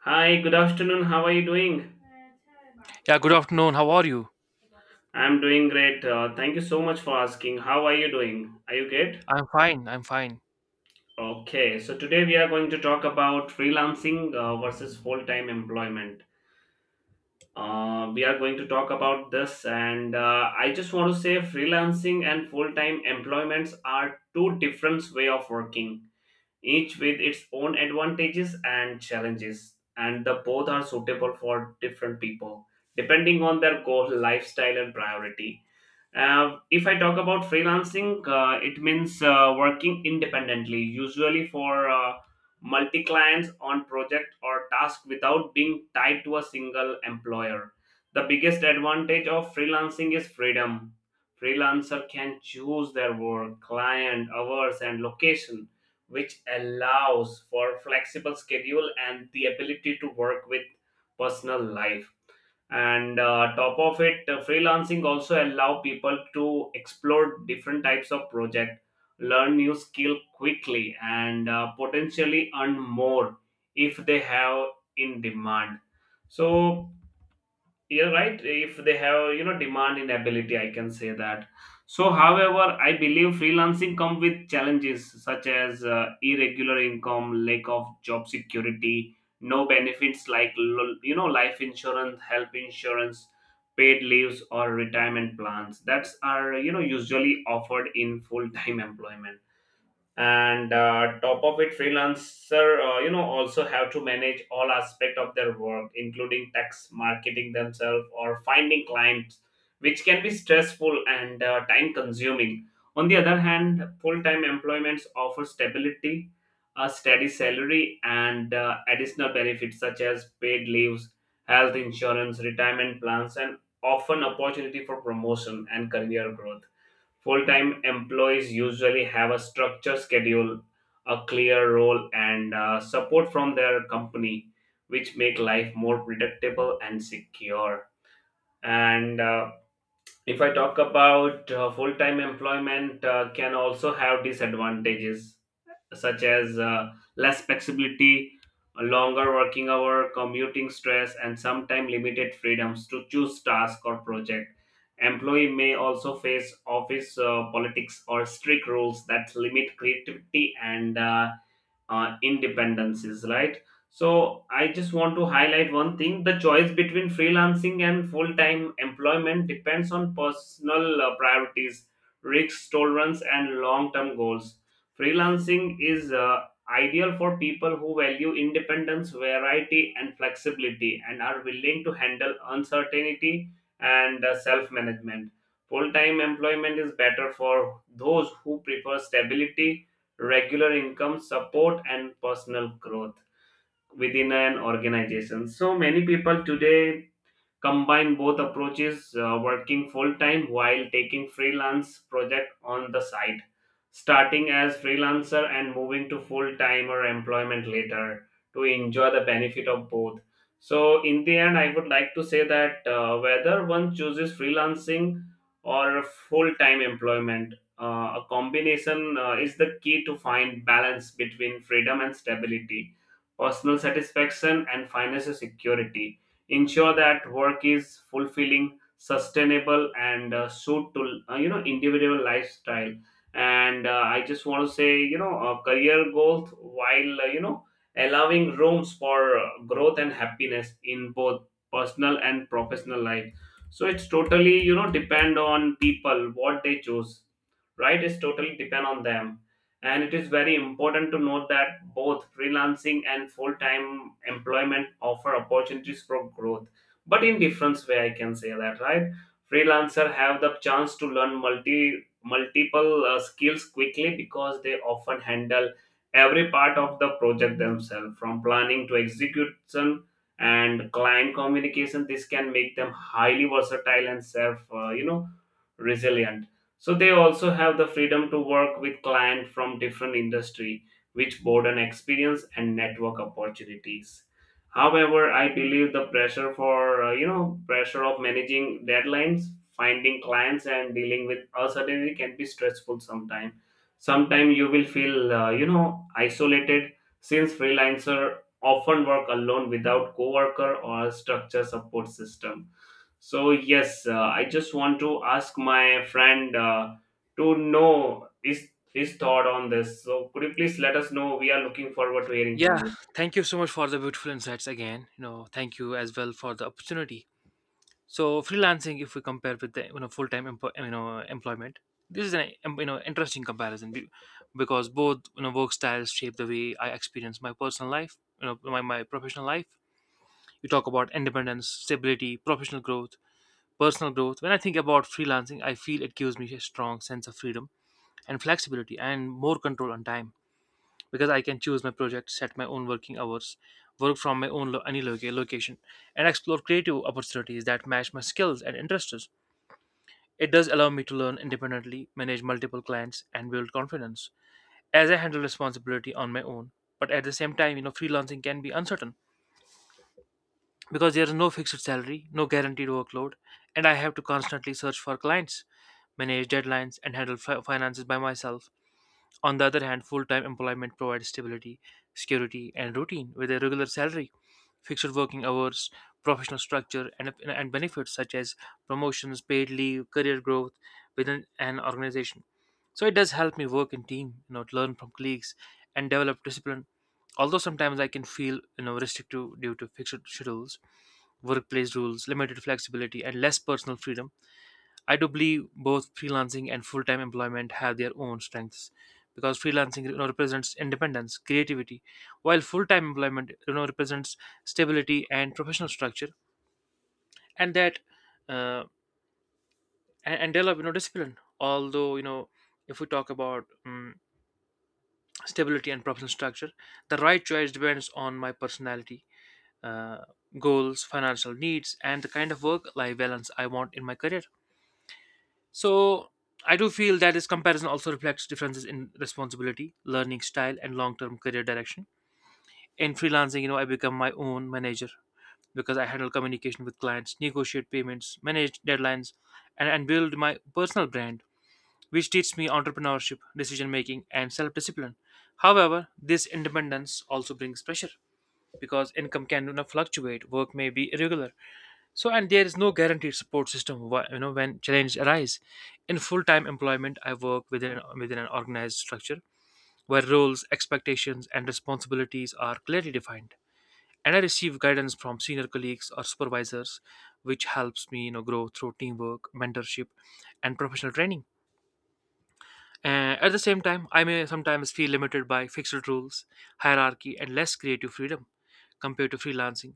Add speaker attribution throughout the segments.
Speaker 1: Hi, good afternoon. How are you doing?
Speaker 2: Yeah, good afternoon. How are you?
Speaker 1: I'm doing great. Thank you so much for asking. How are you doing? Are you good?
Speaker 2: I'm fine. I'm fine.
Speaker 1: Okay, so today we are going to talk about freelancing versus full time employment. We are going to talk about this, and I just want to say freelancing and full time employments are two different way of working, each with its own advantages and challenges, and the both are suitable for different people depending on their goal, lifestyle, and priority. If I talk about freelancing, it means working independently, usually for multi clients on project or task without being tied to a single employer. The biggest advantage of freelancing is freedom. Freelancer can choose their work, client, hours, and location, which allows for flexible schedule and the ability to work with personal life, and top of it, freelancing also allow people to explore different types of project, learn new skill quickly, and potentially earn more if they have in demand. So you're right, if they have demand in ability, I can say that. So however, I believe freelancing come with challenges such as irregular income, lack of job security, no benefits like life insurance, health insurance, paid leaves, or retirement plans that's are usually offered in full time employment. And top of it, freelancer also have to manage all aspect of their work, including tax, marketing themselves, or finding clients, which can be stressful and time consuming. On the other hand, full-time employments offer stability, a steady salary, and additional benefits such as paid leaves, health insurance, retirement plans, and often opportunity for promotion and career growth. Full time employees usually have a structured schedule, a clear role, and support from their company, which make life more predictable and secure. And if I talk about full time employment, can also have disadvantages such as less flexibility, longer working hour, commuting stress, and sometimes limited freedoms to choose task or project. Employee may also face office politics or strict rules that limit creativity and independencies, right? So I just want to highlight one thing: the choice between freelancing and full-time employment depends on personal priorities, risk tolerance, and long-term goals. Freelancing is ideal for people who value independence, variety, and flexibility, and are willing to handle uncertainty and self-management. Full-time employment is better for those who prefer stability, regular income, support, and personal growth within an organization. So many people today combine both approaches, working full time while taking freelance project on the side, starting as freelancer and moving to full time or employment later to enjoy the benefit of both. So in the end, I would like to say that whether one chooses freelancing or full time employment, a combination is the key to find balance between freedom and stability, personal satisfaction and financial security, ensure that work is fulfilling, sustainable, and suit to individual lifestyle and I just want to say career growth while allowing rooms for growth and happiness in both personal and professional life. So it's totally depend on people what they choose. Right, it's totally depend on them. And it is very important to note that both freelancing and full-time employment offer opportunities for growth, but in different way, I can say that, right? Freelancer have the chance to learn multiple skills quickly because they often handle every part of the project themselves, from planning to execution and client communication. This can make them highly versatile and self resilient. So they also have the freedom to work with clients from different industry, which broaden experience and network opportunities. However, I believe the pressure for you know pressure of managing deadlines, finding clients, and dealing with uncertainty can be stressful sometimes. Sometimes you will feel isolated since freelancer often work alone without coworker or structure support system. So yes, I just want to ask my friend to know his thought on this. So could you please let us know? We are looking forward to hearing from
Speaker 2: Yeah,
Speaker 1: you.
Speaker 2: thank you so much for the beautiful insights again. You know, thank you as well for the opportunity. So, freelancing, if we compare with the you know full-time empo- you know employment, this is an interesting comparison because both work styles shape the way I experience my personal life, you know, my professional life. You talk about independence, stability, professional growth, personal growth. When I think about freelancing, I feel it gives me a strong sense of freedom and flexibility and more control on time because I can choose my project, set my own working hours, work from any location, and explore creative opportunities that match my skills and interests. It does allow me to learn independently, manage multiple clients, and build confidence as I handle responsibility on my own. But at the same time, you know, freelancing can be uncertain because there is no fixed salary, no guaranteed workload, and I have to constantly search for clients, manage deadlines, and handle finances by myself. On the other hand, full time employment provides stability, security, and routine with a regular salary, fixed working hours, professional structure, and benefits such as promotions, paid leave, career growth within an organization. So it does help me work in team, you know, to learn from colleagues and develop discipline. Although sometimes I can feel, you know, restrictive due to fixed schedules, workplace rules, limited flexibility, and less personal freedom. I do believe both freelancing and full time employment have their own strengths because freelancing, you know, represents independence, creativity, while full time employment, you know, represents stability and professional structure, and uh, develop, you know, discipline. Although, you know, if we talk about stability and professional structure, the right choice depends on my personality, uh, goals, financial needs, and the kind of work life balance I want in my career. So I do feel that this comparison also reflects differences in responsibility, learning style, and long-term career direction. In freelancing, you know, I become my own manager because I handle communication with clients, negotiate payments, manage deadlines, and build my personal brand, which teaches me entrepreneurship, decision making, and self-discipline. However, this independence also brings pressure because income can, you know, fluctuate, work may be irregular, so, and there is no guaranteed support system. You know, when challenges arise, in full-time employment, I work within an organized structure where roles, expectations, and responsibilities are clearly defined, and I receive guidance from senior colleagues or supervisors, which helps me, you know, grow through teamwork, mentorship, and professional training. And at the same time, I may sometimes feel limited by fixed rules, hierarchy, and less creative freedom compared to freelancing.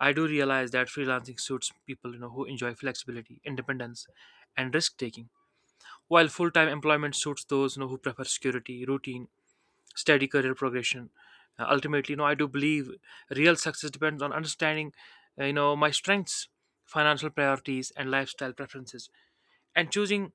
Speaker 2: I do realize that freelancing suits people, you know, who enjoy flexibility, independence, and risk taking, while full-time employment suits those, you know, who prefer security, routine, steady career progression. Ultimately, you know, I do believe real success depends on understanding, you know, my strengths, financial priorities, and lifestyle preferences, and choosing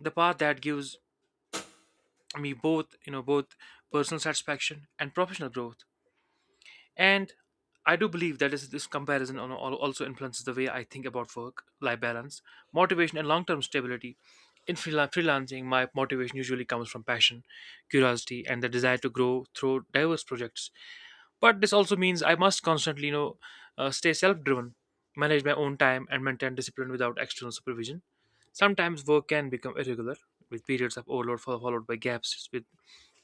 Speaker 2: the path that gives me both you know both personal satisfaction and professional growth, and I do believe that this comparison also influences the way I think about work life balance, motivation, and long-term stability. In freelancing, my motivation usually comes from passion, curiosity, and the desire to grow through diverse projects, but this also means I must constantly, you know, stay self-driven, manage my own time, and maintain discipline without external supervision. Sometimes work can become irregular, with periods of overload followed by gaps with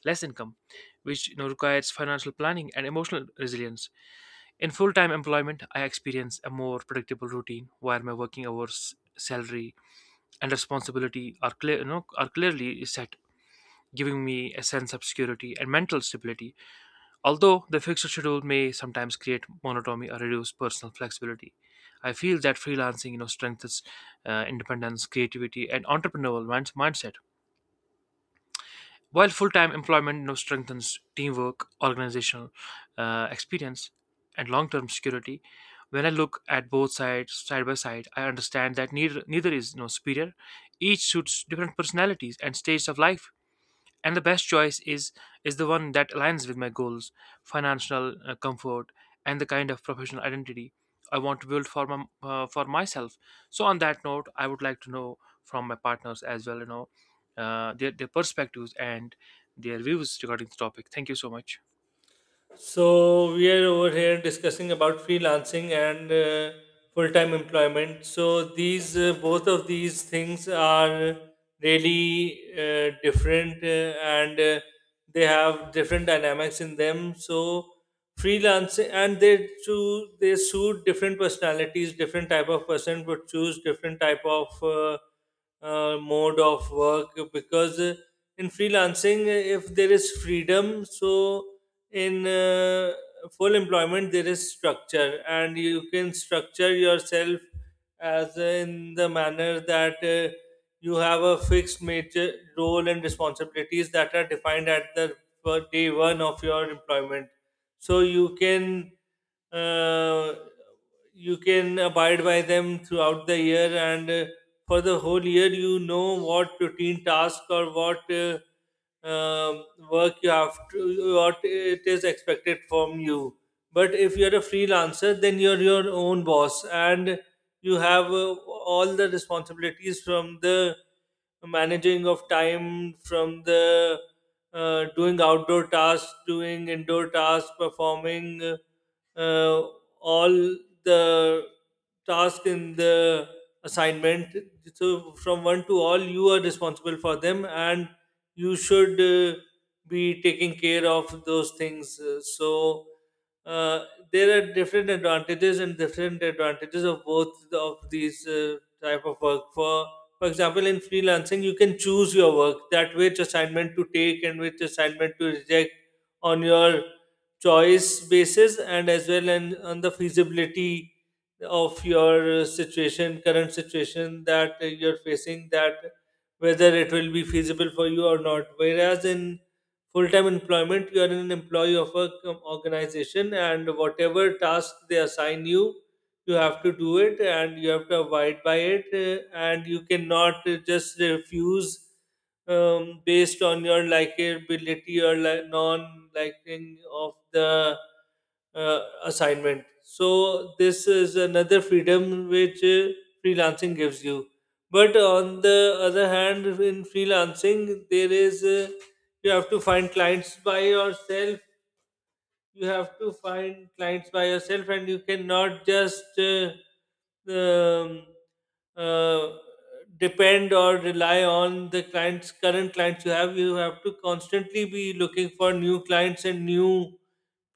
Speaker 2: less income, which, you know, requires financial planning and emotional resilience. In full time employment, I experience a more predictable routine where my working hours, salary, and responsibility are, clear, you know, are clearly set, giving me a sense of security and mental stability. Although the fixed schedule may sometimes create monotony or reduce personal flexibility, I feel that freelancing, you know, strengthens independence, creativity, and entrepreneurial mindset. While full-time employment, you know, strengthens teamwork, organizational experience, and long-term security. When I look at both sides side by side, I understand that neither is, you know, superior. Each suits different personalities and stages of life, and the best choice is the one that aligns with my goals, financial comfort, and the kind of professional identity I want to build for for myself. So on that note, I would like to know from my partners as well, you know, their perspectives and their views regarding the topic. Thank you so much.
Speaker 3: So we are over here discussing about freelancing and full-time employment. So these both of these things are really different and they have different dynamics in them. So freelancing and they choose they suit different personalities. Different type of person would choose different type of mode of work because in freelancing, if there is freedom, so in full employment there is structure and you can structure yourself as in the manner that you have a fixed major role and responsibilities that are defined at the day one of your employment. So uh, you can abide by them throughout the year, and for the whole year you know what routine task or what um, work you have to, what it is expected from you. But if you're a freelancer then you're your own boss, and you have all the responsibilities, from the managing of time, from the doing outdoor tasks, doing indoor tasks, performing uh, all the task in the assignment. So from one to all you are responsible for them, and you should be taking care of those things. So uh, there are different advantages and different advantages of both of these type of work. For example, in freelancing you can choose your work, that which assignment to take and which assignment to reject on your choice basis and as well, and on the feasibility of your situation, current situation that you're facing, that whether it will be feasible for you or not, whereas in full-time employment you are an employee of a organization and whatever task they assign you, you have to do it and you have to abide by it and you cannot just refuse based on your likability or non liking of the assignment. So this is another freedom which freelancing gives you. But on the other hand, in freelancing, there is you have to find clients by yourself. You have to find clients by yourself and you cannot just um, uh, depend or rely on the clients, current clients you have. You have to constantly be looking for new clients and new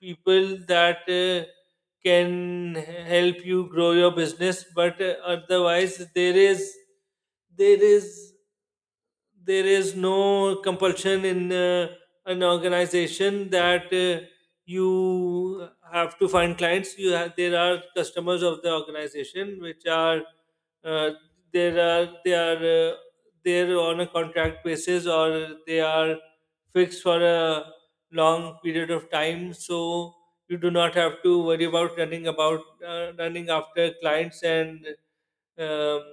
Speaker 3: people that can help you grow your business. But otherwise there is there is there is no compulsion in an organization that you have to find clients. You have, there are customers of the organization which are uh, there are they are there on a contract basis, or they are fixed for a long period of time. So you do not have to worry about running about, running after clients, and um,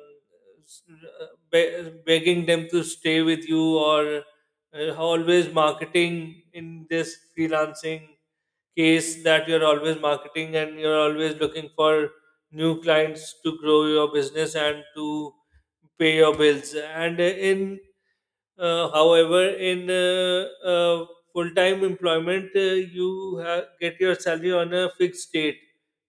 Speaker 3: s- begging them to stay with you, or always marketing in this freelancing case, that you're always marketing and you're always looking for new clients to grow your business and to pay your bills. And in uh, however, in uh, uh, full time employment, you get your salary on a fixed date,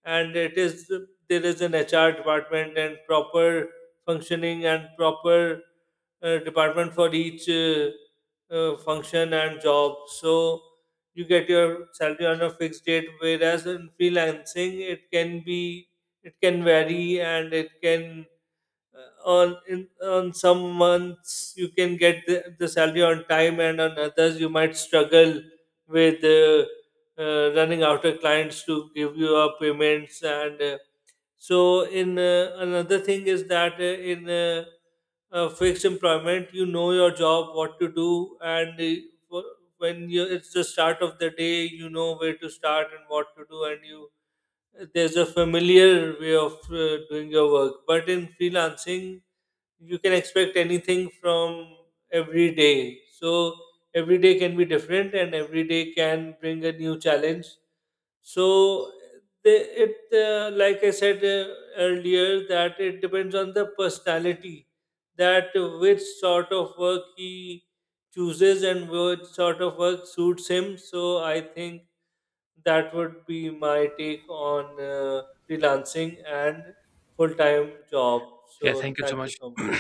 Speaker 3: and it is, there is an HR department and proper functioning and proper department for each function and job. So you get your salary on a fixed date, whereas in freelancing, it can be, it can vary, and it can uh, on in, on some months you can get the salary on time, and on others you might struggle with running after clients to give you our payments. And so in Another thing is that in fixed employment you know your job, what to do, and wh- when you it's the start of the day, you know where to start and what to do, and you, there's a familiar way of doing your work. But in freelancing, you can expect anything from every day. So every day can be different, and every day can bring a new challenge. So the, like I said earlier, that it depends on the personality, that which sort of work he chooses and which sort of work suits him. So I think that would be my take on freelancing and full time job.
Speaker 2: Yeah,
Speaker 3: So
Speaker 2: thank you so
Speaker 3: thank you so
Speaker 2: much.
Speaker 3: much.